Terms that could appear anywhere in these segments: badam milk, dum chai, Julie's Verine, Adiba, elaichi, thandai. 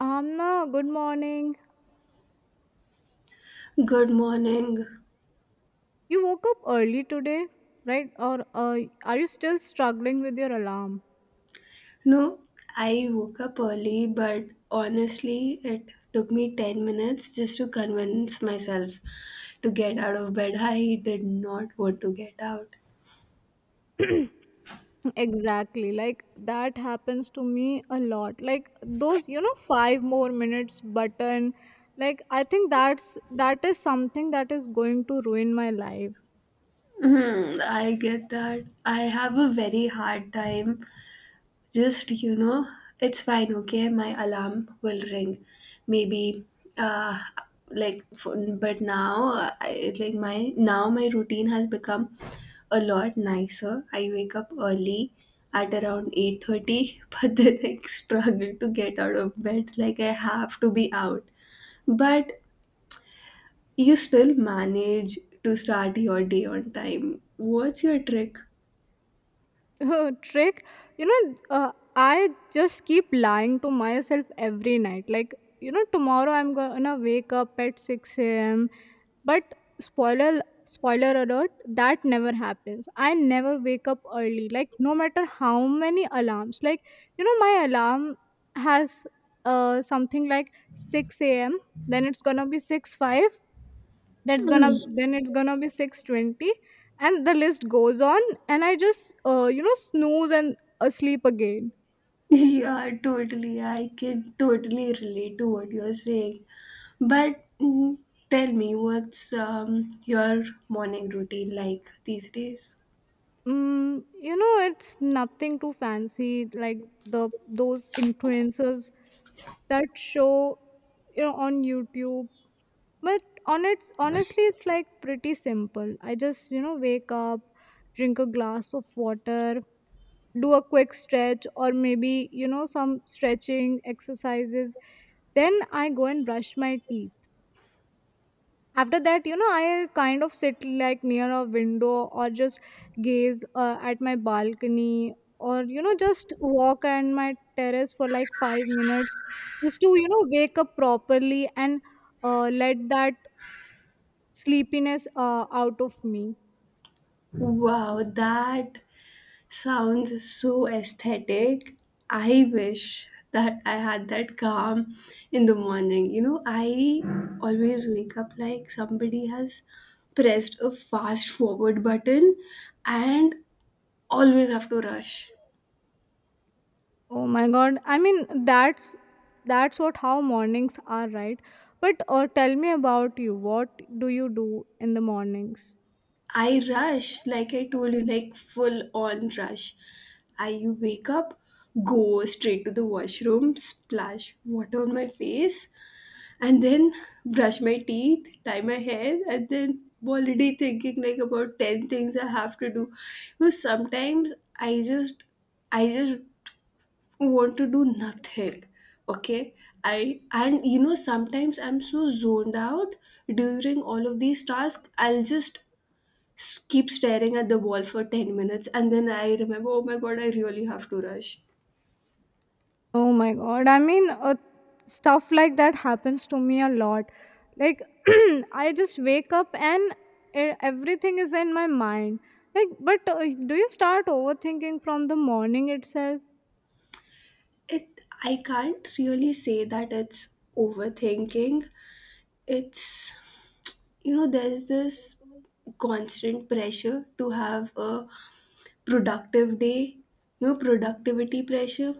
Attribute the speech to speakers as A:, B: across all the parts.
A: Amna, good morning.
B: Good morning.
A: You woke up early today, right? Or are you still struggling with your alarm?
B: No, I woke up early, but honestly, it took me 10 minutes just to convince myself to get out of bed. I did not want to get out.
A: Exactly. Like that happens to me a lot. Like those, 5 more minutes button. Like I think that is something that is going to ruin my life.
B: Hmm, I get that. I have a very hard time. Just, you know, it's fine, okay? My alarm will ring. Maybe, uh, like, but now, now my routine has become a lot nicer. I wake up early at around 8:30, but then I struggle to get out of bed. Like, I have to be out. But you still manage to start your day on time. What's your trick?
A: Trick. I just keep lying to myself every night, like, tomorrow I'm gonna wake up at 6 a.m. But spoiler alert, that never happens. I never wake up early, like, no matter how many alarms. Like, my alarm has something like 6 a.m., then it's gonna be 6 5, that's gonna then it's gonna be 6:20, and the list goes on, and I just snooze and asleep again.
B: Yeah, totally. I can totally relate to what you're saying. But tell me, what's your morning routine like these days?
A: It's nothing too fancy. Like the those influencers that show, on YouTube. But it's like pretty simple. I just wake up, drink a glass of water, do a quick stretch, or maybe some stretching exercises. Then I go and brush my teeth. After that, I kind of sit like near a window, or just gaze at my balcony, or just walk on my terrace for like 5 minutes, just to wake up properly, and let that sleepiness out of me.
B: Wow, that sounds so aesthetic. I wish that I had that calm in the morning. You know, I always wake up like somebody has pressed a fast forward button and always have to rush.
A: Oh my god, I mean, that's what how mornings are, right? But tell me about you. What do you do in the mornings?
B: I rush, like I told you, like full on rush. I wake up, go straight to the washroom, splash water on my face, and then brush my teeth, tie my hair, and then I'm already thinking like about 10 things I have to do. Because sometimes I just want to do nothing. Okay? I And you know sometimes I'm so zoned out during all of these tasks, I'll just keep staring at the wall for 10 minutes, and then I remember, oh my god, I really have to rush.
A: Oh my god. I mean, stuff like that happens to me a lot. Like, I just wake up and everything is in my mind. Like, but do you start overthinking from the morning itself?
B: It i can't really say that it's overthinking. It's You know, there's this constant pressure to have a productive day. You know, productivity pressure.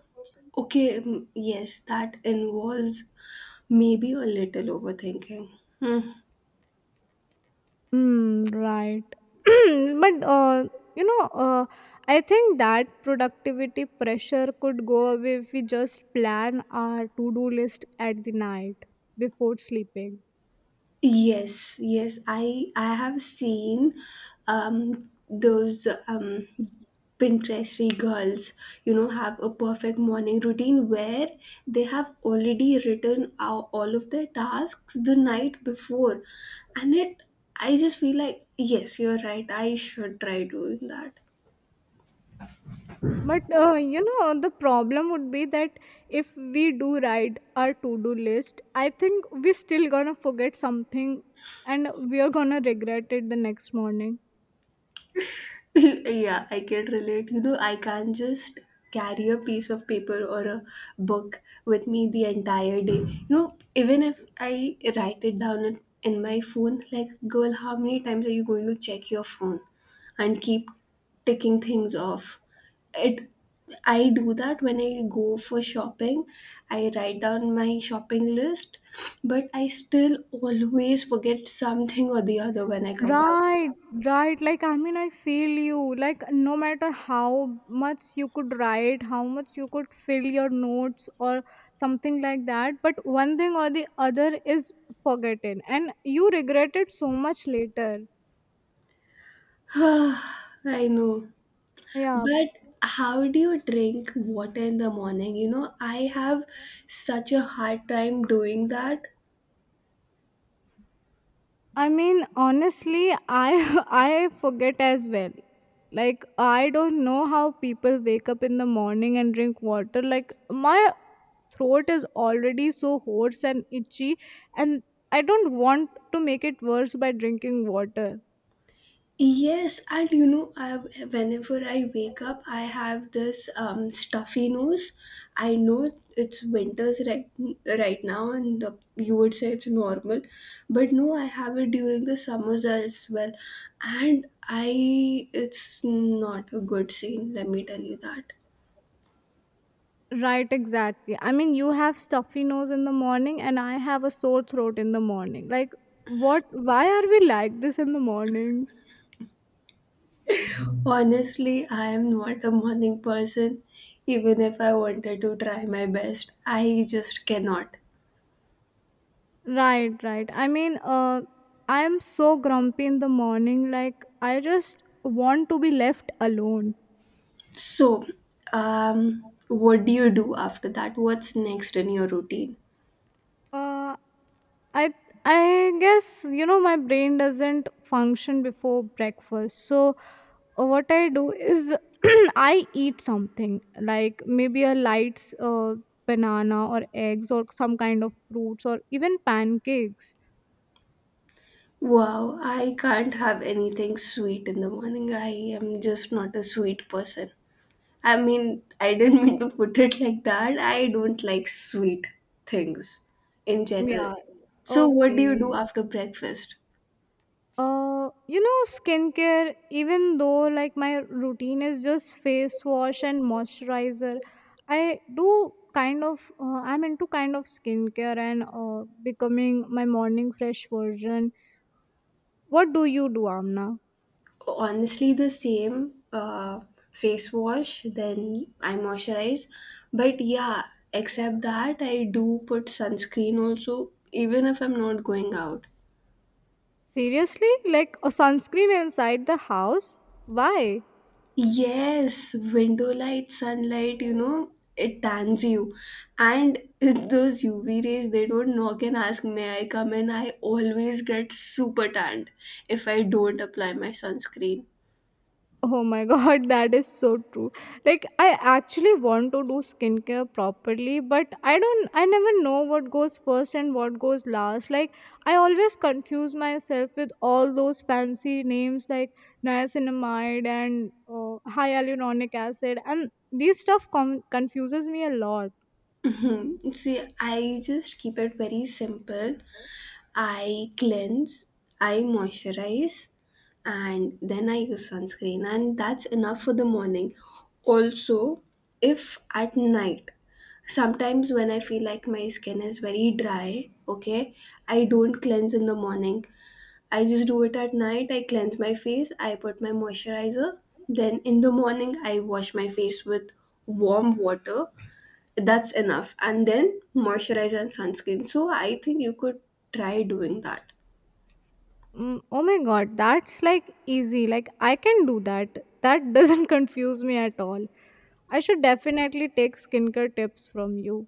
B: Okay, yes, that involves maybe a little overthinking. Hmm.
A: Hmm, right. But, you know, uh, I think that productivity pressure could go away if we just plan our to do list at the night before sleeping.
B: Yes, yes, I have seen um, those Pinteresty girls, you know, have a perfect morning routine where they have already written out all of their tasks the night before, and it I just feel like yes, you're right. I should try doing that.
A: But the problem would be that if we do write our to-do list, I think we still gonna forget something and we are gonna regret it the next morning.
B: Yeah, I can relate. You know, I can't just carry a piece of paper or a book with me the entire day. You know, even if I write it down in my phone, like, girl, how many times are you going to check your phone and keep ticking things off? It I do that when I go for shopping. I write down my shopping list, but I still always forget something or the other when I come back.
A: Right, right. Like, I mean, I feel you. Like, no matter how much you could write, how much you could fill your notes or something like that, but one thing or the other is forgotten and you regret it so much later.
B: I know.
A: Yeah.
B: But how do you drink water in the morning? You know, I have such a hard time doing that.
A: I mean, honestly, I I forget as well. Like, I don't know how people wake up in the morning and drink water. Like, my throat is already so hoarse and itchy, and I don't want to make it worse by drinking water.
B: Yes, and you know, I whenever I wake up, I have this stuffy nose. I know it's winters right now, and you would say it's normal, but no, I have it during the summers as well, and I it's not a good scene. Let me tell you that.
A: Right, exactly. I mean, you have stuffy nose in the morning, and I have a sore throat in the morning. Like, what? Why are we like this in the mornings?
B: Honestly, I am not a morning person. Even if I wanted to try my best, I just cannot.
A: Right, right. I mean, I am so grumpy in the morning. Like, I just want to be left alone.
B: So, what do you do after that? What's next in your routine?
A: Uh, I I guess my brain doesn't function before breakfast. So, what I do is I eat something like maybe a light banana or eggs or some kind of fruits or even pancakes.
B: Wow, I can't have anything sweet in the morning. I am just not a sweet person. I mean, I didn't mean to put it like that. I don't like sweet things in general.
A: Yeah.
B: So, what do you do
A: Okay.
B: after breakfast?
A: Skincare. Even though like my routine is just face wash and moisturizer, i do I'm into kind of skincare and becoming my morning fresh version. What do you do, Amna?
B: Honestly, the same, face wash, then I moisturize. But yeah, except that I do put sunscreen also, even if I'm not going out.
A: Seriously? Like, a sunscreen inside the house? Why?
B: Yes, window light, sunlight, you know, it tans you, and those UV rays, they don't knock and ask, may I come in. I always get super tanned if I don't apply my sunscreen.
A: Oh my god, that is so true. Like, I actually want to do skincare properly, but I never know what goes first and what goes last. Like, I always confuse myself with all those fancy names like niacinamide and hyaluronic acid, and these stuff confuses me a lot.
B: Mhm. See, I just keep it very simple. I cleanse, I moisturize, and then I use sunscreen, and that's enough for the morning. Also, if at night, sometimes when I feel like my skin is very dry, okay, I don't cleanse in the morning. I just do it at night. I cleanse my face, I put my moisturizer, then in the morning, I wash my face with warm water. That's enough, and then moisturizer and sunscreen. So I think you could try doing that.
A: Oh my god, that's like easy. Like, I can do that. That doesn't confuse me at all. I should definitely take skincare tips from you.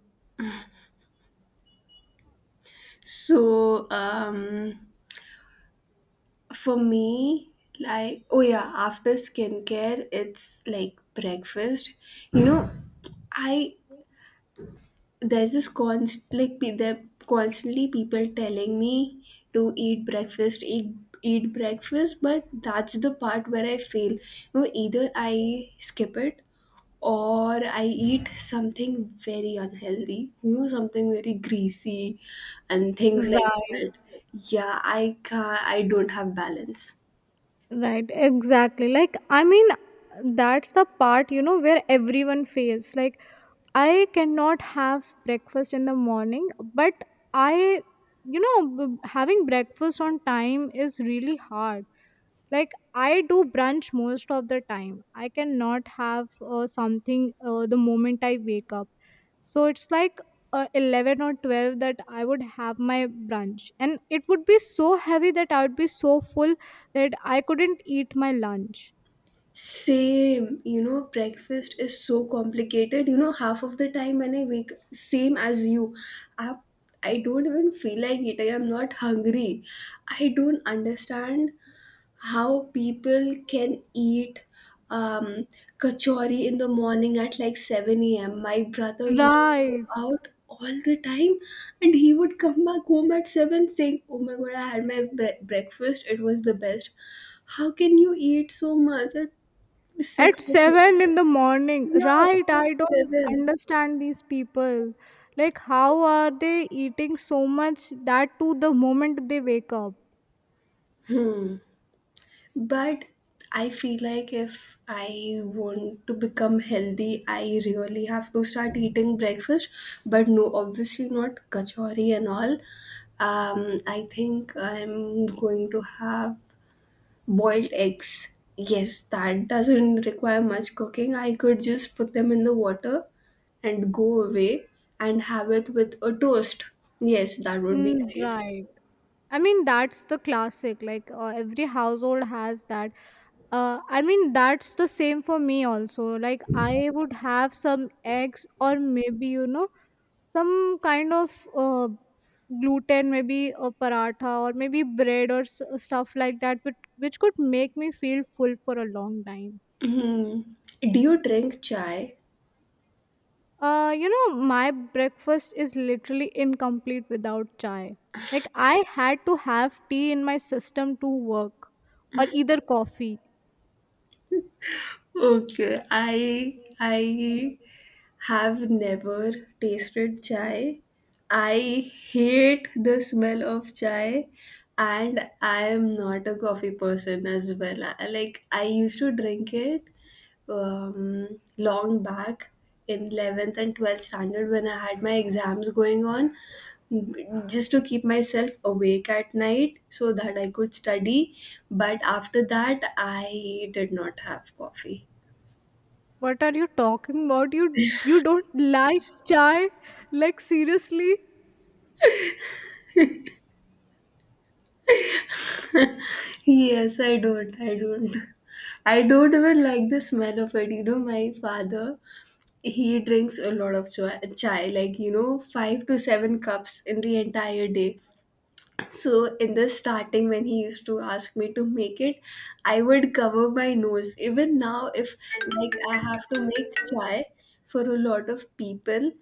B: So, for me, like, oh yeah, after skincare it's like breakfast. You know, I there's this constant, like, there constantly people telling me to eat breakfast, eat breakfast. But that's the part where I fail. You know, either I skip it, or I eat something very unhealthy, you know, something very greasy and things like
A: Right,
B: that. Yeah, I can't, I don't have balance.
A: right, exactly. Like, I mean, that's the part, where everyone fails. Like, I cannot have breakfast in the morning, but I, you know, b- having breakfast on time is really hard. Like, I do brunch most of the time. I cannot have something the moment I wake up. So it's like 11 or 12 that I would have my brunch, and it would be so heavy that I would be so full that I couldn't eat my lunch.
B: Same, you know, breakfast is so complicated. You know, half of the time when I wake, same as you, I, I don't even feel like eating. I'm not hungry. I don't understand how people can eat um, kachori in the morning at like 7 a.m. My brother used to go
A: Right.
B: out all the time, and he would come back home at 7 saying, oh my god, I had my breakfast, it was the best. How can you eat so much at
A: At
B: 6 o'clock?
A: 7 in the morning,
B: Yeah,
A: right?
B: 6,
A: I don't
B: 7.
A: understand these people. Like, how are they eating so much that to the moment they wake up?
B: Hmm. But I feel like if I want to become healthy, I really have to start eating breakfast. But no, obviously not kachori and all. I think I'm going to have boiled eggs. Yes, that doesn't require much cooking. I could just put them in the water and go away and have it with a toast. Yes, that would be great.
A: Right. I mean, that's the classic. Like, every household has that. I mean, that's the same for me also. Like, I would have some eggs, or maybe some kind of gluten, maybe a paratha or maybe bread or stuff like that, which could make me feel full for a long time.
B: Mhm. Do you drink chai?
A: My breakfast is literally incomplete without chai. Like, I had to have tea in my system to work, or either coffee.
B: Okay, I have never tasted chai. I hate the smell of chai, and I am not a coffee person as well. Like, I used to drink it long back in 11th and 12th standard when I had my exams going on, just to keep myself awake at night so that I could study. But after that, I did not have coffee.
A: What are you talking about? You don't like chai? Like, seriously?
B: Yes, I don't. I don't. I don't even like the smell of it. You know, my father, he drinks a lot of chai, like, you know, 5 to 7 cups in the entire day. So in the starting, when he used to ask me to make it, I would cover my nose. Even now, if like I have to make chai for a lot of people,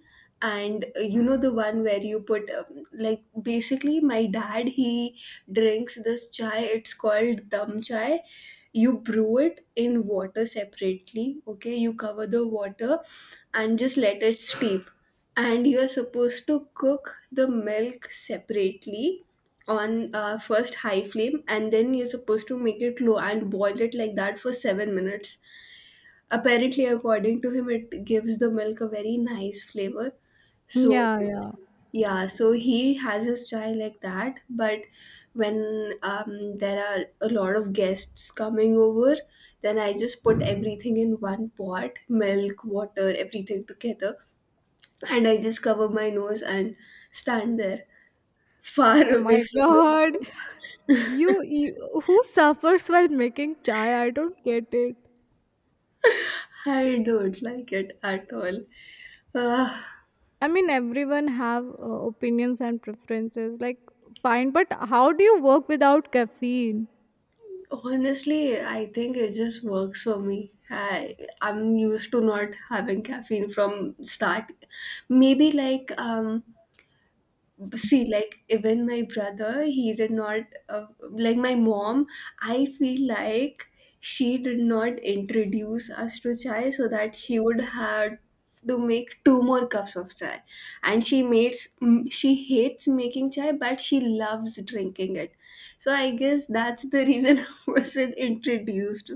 B: and you know the one where you put, like, basically my dad, he drinks this chai. It's called dum chai. You brew it in water separately. Okay, you cover the water and just let it steep. And you are supposed to cook the milk separately on first high flame, and then you're supposed to make it low and boil it like that for 7 minutes, apparently according to him it gives the milk a very nice flavor. So
A: Yeah, yeah.
B: yeah, so he has his chai like that. But when there are a lot of guests coming over, then I just put everything in one pot, milk, water, everything together, and I just cover my nose and stand there far
A: Oh
B: away
A: my
B: from the
A: god.
B: smoke.
A: You who suffers while making chai? I don't get it.
B: I don't like it at all. Uh,
A: I mean, everyone have opinions and preferences. Like, fine, but how do you work without caffeine?
B: Honestly, I think it just works for me. I'm used to not having caffeine from start. Maybe like, see, like, even my brother, he did not, like, my mom, I feel like she did not introduce us to chai so that she would have to make 2 more cups of chai. And she makes, she hates making chai, but she loves drinking it. So I guess that's the reason. I wasn't introduced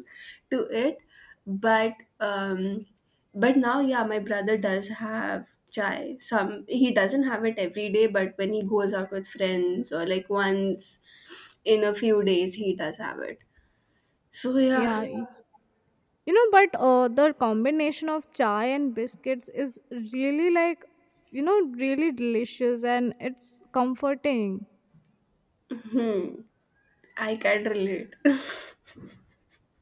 B: to it. But um now, yeah, my brother does have chai. Some He doesn't have it every day, but when he goes out with friends, or like once in a few days, he does have it. So yeah,
A: Yeah, but the combination of chai and biscuits is really like, really delicious and it's comforting.
B: hmm, I can relate.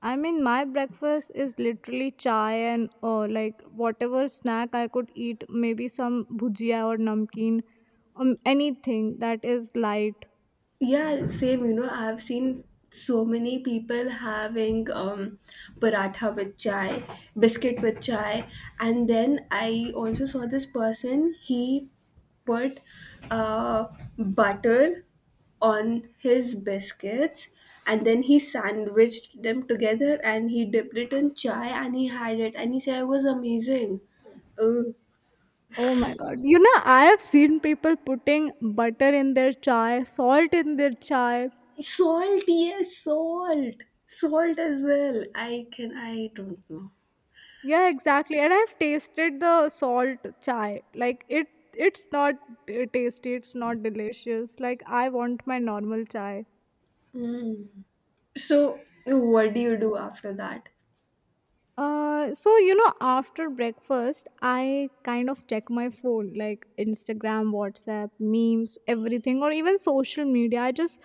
A: I mean, my breakfast is literally chai and like whatever snack I could eat, maybe some bhujia or namkeen, anything that is light.
B: Yeah, same. You know, I've seen so many people having paratha with chai, biscuit with chai, and then I also saw this person. He put uh, butter on his biscuits, and then he sandwiched them together, and he dipped it in chai, and he had it, and he said it was amazing. Uh,
A: Oh my god. You know, I have seen people putting butter in their chai, salt in their chai,
B: Salt, yes, salt, salt as well. I don't know.
A: yeah, exactly. And I've tasted the salt chai. Like, it's not tasty, it's not delicious. Like, I want my normal chai.
B: Mm. So what do you do after that?
A: So after breakfast I kind of check my phone, like Instagram, WhatsApp, memes, everything, or even social media. I just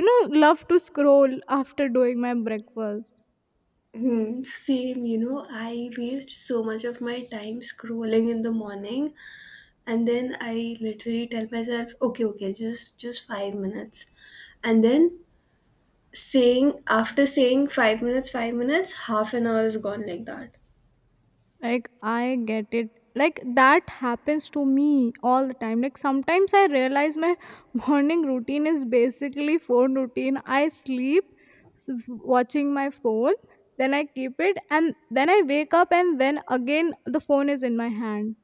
A: love to scroll after doing my breakfast.
B: Hmm, same, you know, I waste so much of my time scrolling in the morning, and then I literally tell myself, okay, okay, just 5 minutes. And then saying after saying 5 minutes, 5 minutes, half an hour is gone like that.
A: Like, I get it. Like, that happens to me all the time. Like, sometimes I realize my morning routine is basically phone routine. I sleep watching my phone, then I keep it, and then I wake up, and then again the phone is in my hand.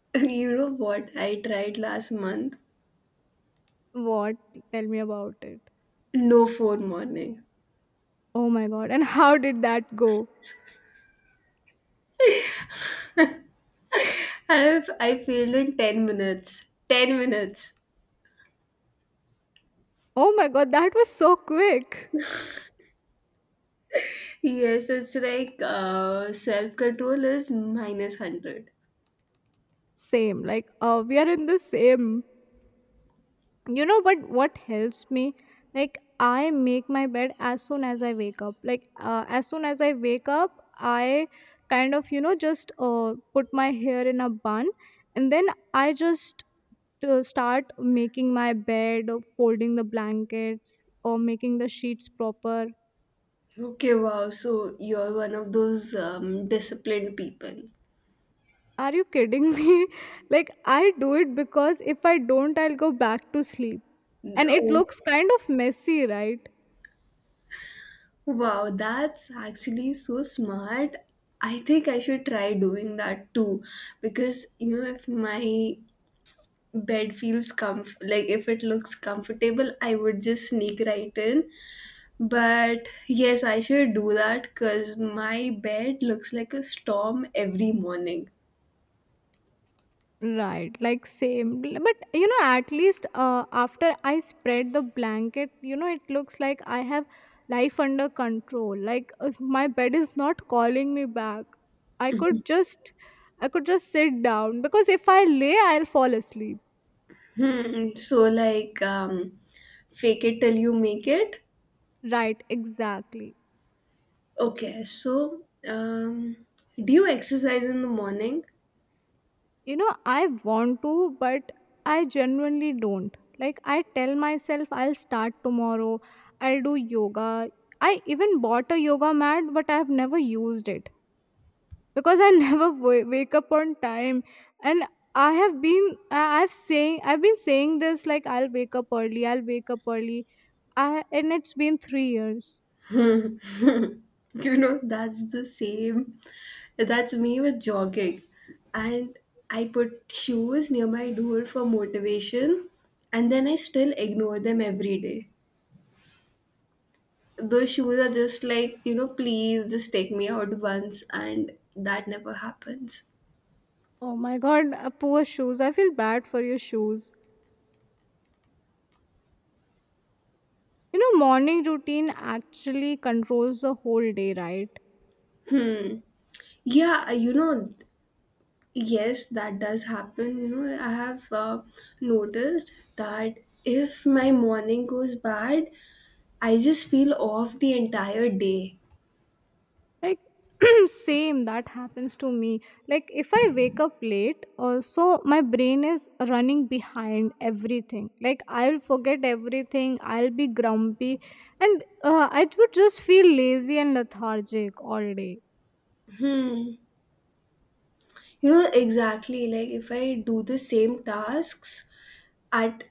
B: You know what? I tried last month.
A: What? Tell me about it.
B: No phone morning.
A: Oh my god. And how did that go?
B: And I failed in 10 minutes. 10 minutes.
A: Oh my god, that was so quick.
B: Yes, it's like self control is minus 100.
A: Same. Like, we are in the same, but what helps me, like, I make my bed as soon as I wake up. Like, as soon as I wake up, I kind of just put my hair in a bun, and then I just to start making my bed or folding the blankets or making the sheets proper.
B: Okay, wow. So you're one of those disciplined people.
A: Are you kidding me? Like, I do it because if I don't, I'll go back to sleep and it
B: Oh,
A: looks kind of messy, right?
B: wow. That's actually so smart. I think I should try doing that too. Because, you know, if my bed feels comf like if it looks comfortable, I would just sneak right in. But yes, I should do that because my bed looks like a storm every morning.
A: Right, like same. But you know, at least after I spread the blanket, it looks like I have life under control. Like, my bed is not calling me back. I could just, I could just sit down because if I lay, I'll fall asleep.
B: Hmm. So like um, Fake it till you make it.
A: Right, exactly.
B: Okay. So um, do you exercise in the morning?
A: You know, I want to, but I genuinely don't. Like, I tell myself, I'll start tomorrow. I'll do yoga. I even bought a yoga mat, but I've never used it because I never wake up on time, and I've been saying this, like, I'll wake up early I'll wake up early and it's been 3 years.
B: You know that's the same. That's me with jogging, and I put shoes near my door for motivation, and then I still ignore them every day. Those shoes are just like please just take me out once, and that never happens.
A: Oh my god, poor shoes. I feel bad for your shoes. You know, morning routine actually controls the whole day, right?
B: Hmm. Yeah, you know, Yes, that does happen. I have noticed that if my morning goes bad, I just feel off the entire day.
A: Like, same. That happens to me. Like, if I wake up late also, my brain is running behind everything. Like, I'll forget everything, I'll be grumpy, and I would just feel lazy and lethargic all day.
B: Hmm. You know, exactly. Like if I do the same tasks at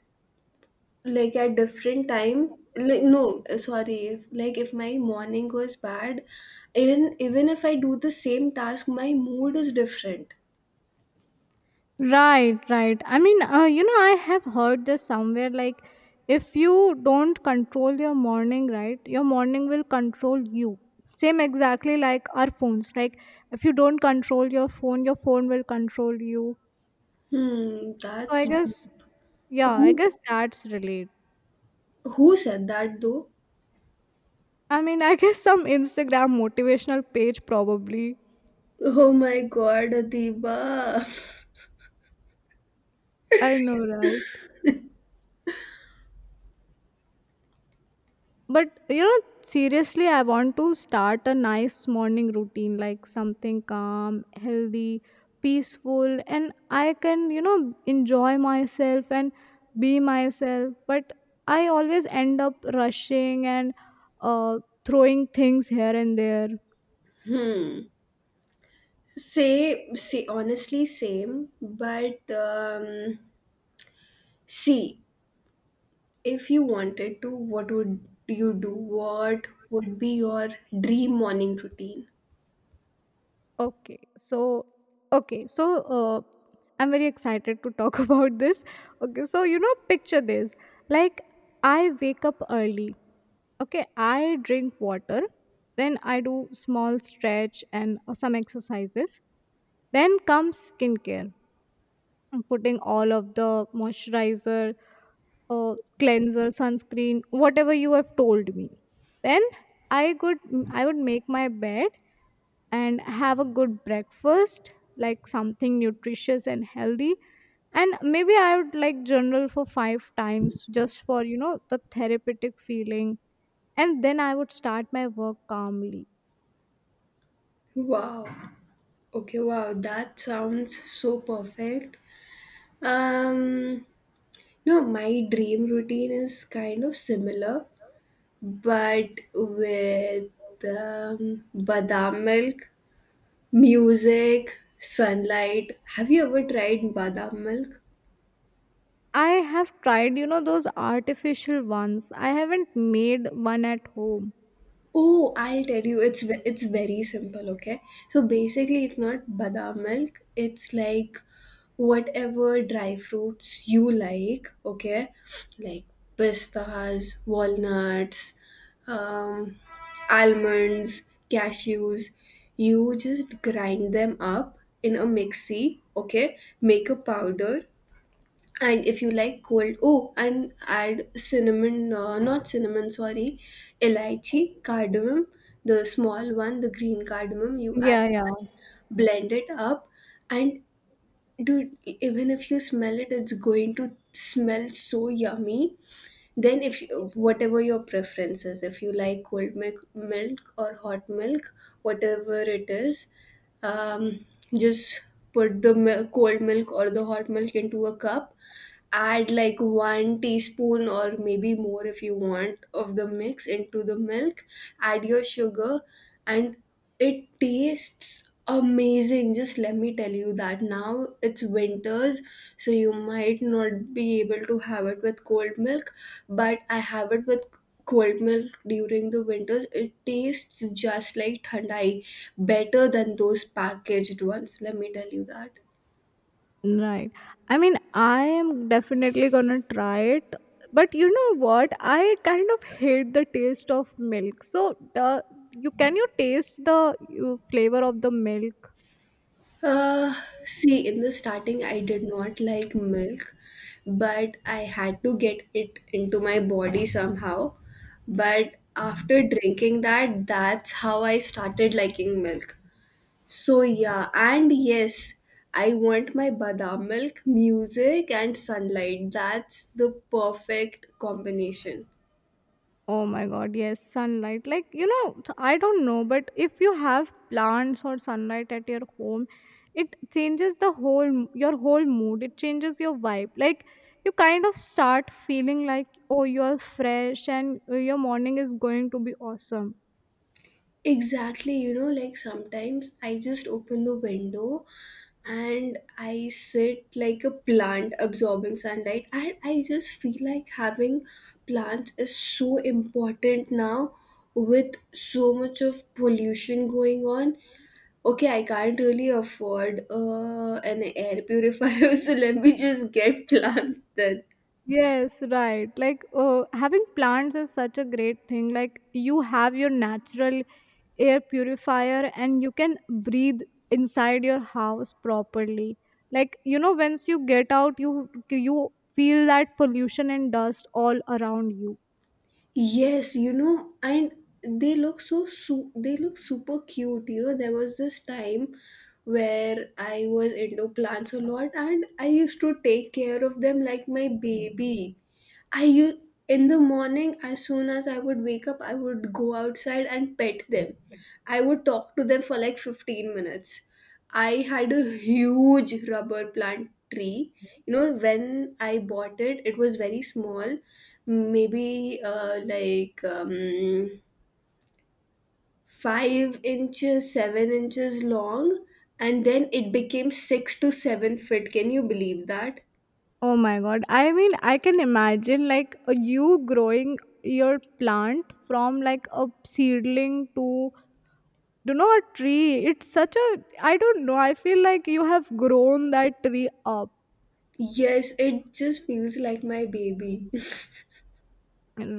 B: like at different time, like no, sorry. If like if my morning goes bad, even if I do the same task, my mood is different.
A: Right, right. I mean, I have heard this somewhere, like, if you don't control your morning, right, your morning will control you. Same, exactly, like our phones. Like, if you don't control your phone will control you.
B: Hmm.
A: So I
B: That's
A: guess, yeah, I
B: who
A: guess that's related.
B: who said that though?
A: I mean, I guess some Instagram motivational page probably.
B: Oh my god, Adiba.
A: I know, right? But you know, seriously, I want to start a nice morning routine, like something calm, healthy, peaceful, and I can, enjoy myself and be myself. But I always end up rushing and uh, throwing things here and there.
B: hmm. Honestly, same. But see, if you wanted to, what would you do? What would be your dream morning routine?
A: Okay, so okay, so uh, I'm very excited to talk about this. Okay, so picture this: like, I wake up early. Okay, I drink water, then I do small stretch and some exercises. Then comes skincare, I'm putting all of the moisturizer, cleanser, sunscreen, whatever you have told me. Then I could I would make my bed and have a good breakfast, like something nutritious and healthy, and maybe I would like journal for 5 times, just for the therapeutic feeling, and then I would start my work calmly.
B: Wow. Okay, wow, that sounds so perfect. Um, no, my dream routine is kind of similar, but with badam milk, music, sunlight. Have you ever tried badam milk?
A: I have tried, those artificial ones. I haven't made one at home.
B: Oh, I'll tell you. It's it's very simple, okay? So basically, it's not badam milk. It's like whatever dry fruits you like, okay? Like pistas, walnuts, um, almonds, cashews. You just grind them up in a mixie, okay? Make a powder, and if you like cold, oh, and add cinnamon not cinnamon sorry elaichi, cardamom, the small one, the green cardamom, you add
A: Yeah, yeah.
B: that, blend it up, and dude, even if you smell it, it's going to smell so yummy. Then if you, whatever your preference is, if you like cold milk or hot milk, whatever it is, um, just put the cold milk or the hot milk into a cup, add like one teaspoon or maybe more if you want of the mix into the milk, add your sugar, and it tastes amazing. Just let me tell you that. Now it's winters, so you might not be able to have it with cold milk, but I have it with cold milk during the winters. It tastes just like thandai, better than those packaged ones, let me tell you that.
A: Right. I mean, I am definitely gonna try it. But you know what? I kind of hate the taste of milk. So, you taste the flavor of the milk?
B: Uh, see, in the starting, I did not like milk, but I had to get it into my body somehow. But after drinking that, that's how I started liking milk. So, yeah, and yes, I want my badam milk, music, and sunlight. That's the perfect combination.
A: Oh my god, yes, sunlight. Like, you know, I don't know, but if you have plants or sunlight at your home, it changes the whole your whole mood. It changes your vibe. Like, you kind of start feeling like, oh, you are fresh, and your morning is going to be awesome.
B: Exactly, you know, like sometimes I just open the window and I sit like a plant absorbing sunlight, and I just feel like having plants is so important now with so much of pollution going on. Okay, I can't really afford an air purifier, so let me just get plants then.
A: Yes, right. Like, having plants is such a great thing. Like, you have your natural air purifier and you can breathe inside your house properly. Like, once you get out, you feel that pollution and dust all around you.
B: Yes, you know, and they look so they look super cute. You know, there was this time where I was into plants a lot, and I used to take care of them like my baby. I u- in the morning, as soon as I would wake up, I would go outside and pet them. I would talk to them for like 15 minutes. I had a huge rubber plant tree. You know, when I bought it, it was very small, maybe 5 inches, 7 inches long, and then it became 6 to 7 feet. Can you believe that?
A: Oh my god. I mean, I can imagine, like, you growing your plant from like a seedling to do not tree. It's such a, I don't know, I feel like you have grown that tree up.
B: Yes, it just feels like my baby.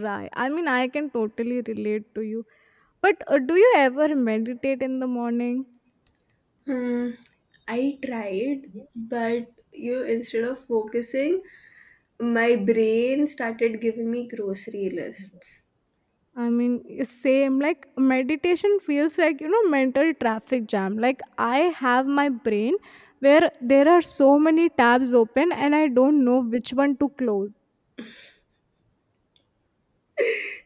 A: Right, I mean, I can totally relate to you. But do you ever meditate in the morning?
B: Hmm, I tried, but you know, instead of focusing, my brain started giving me grocery lists.
A: I mean, it's same. Like, meditation feels like, mental traffic jam. Like, I have my brain where there are so many tabs open and I don't know which one to close.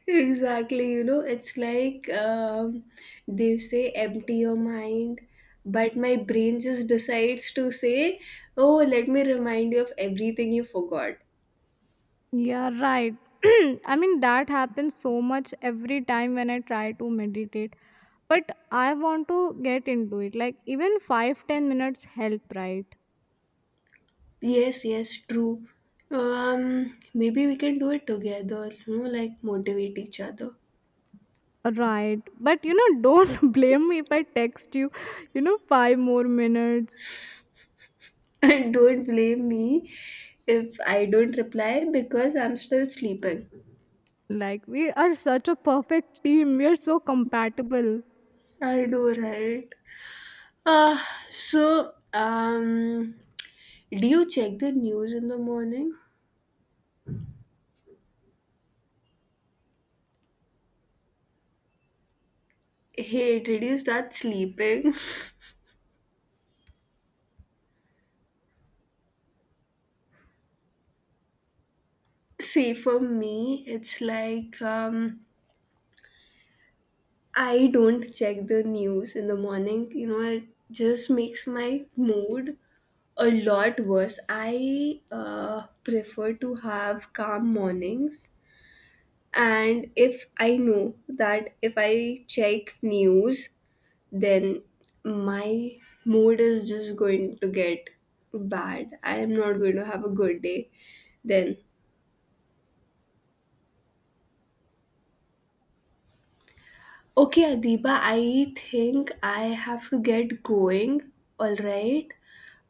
B: Exactly, you know, it's like they say empty your mind, but my brain just decides to say, oh, let me remind you of everything you forgot.
A: Yeah, right. I mean, that happens so much every time when I try to meditate. But I want to get into it. Like, even 5-10 minutes help, right?
B: Yes, yes, true. Maybe we can do it together, you know, like motivate each other.
A: Right. But, you know, don't blame me if I text you, 5 more minutes.
B: And don't blame me if I don't reply because I'm still sleeping.
A: Like, we are such a perfect team. We are so compatible.
B: I know, right? Uh, so, do you check the news in the morning? Hey, did you start sleeping? See, for me, it's like I don't check the news in the morning. You know, it just makes my mood a lot worse. I prefer to have calm mornings. And if I know that if I check news, then my mood is just going to get bad. I am not going to have a good day. Then, okay, Adiba, I think I have to get going. All right.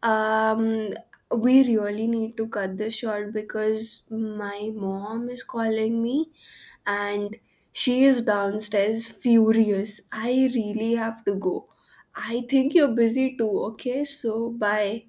B: Um, we really need to cut this short because my mom is calling me and she is downstairs furious. I really have to go. I think you're busy too. Okay, so bye.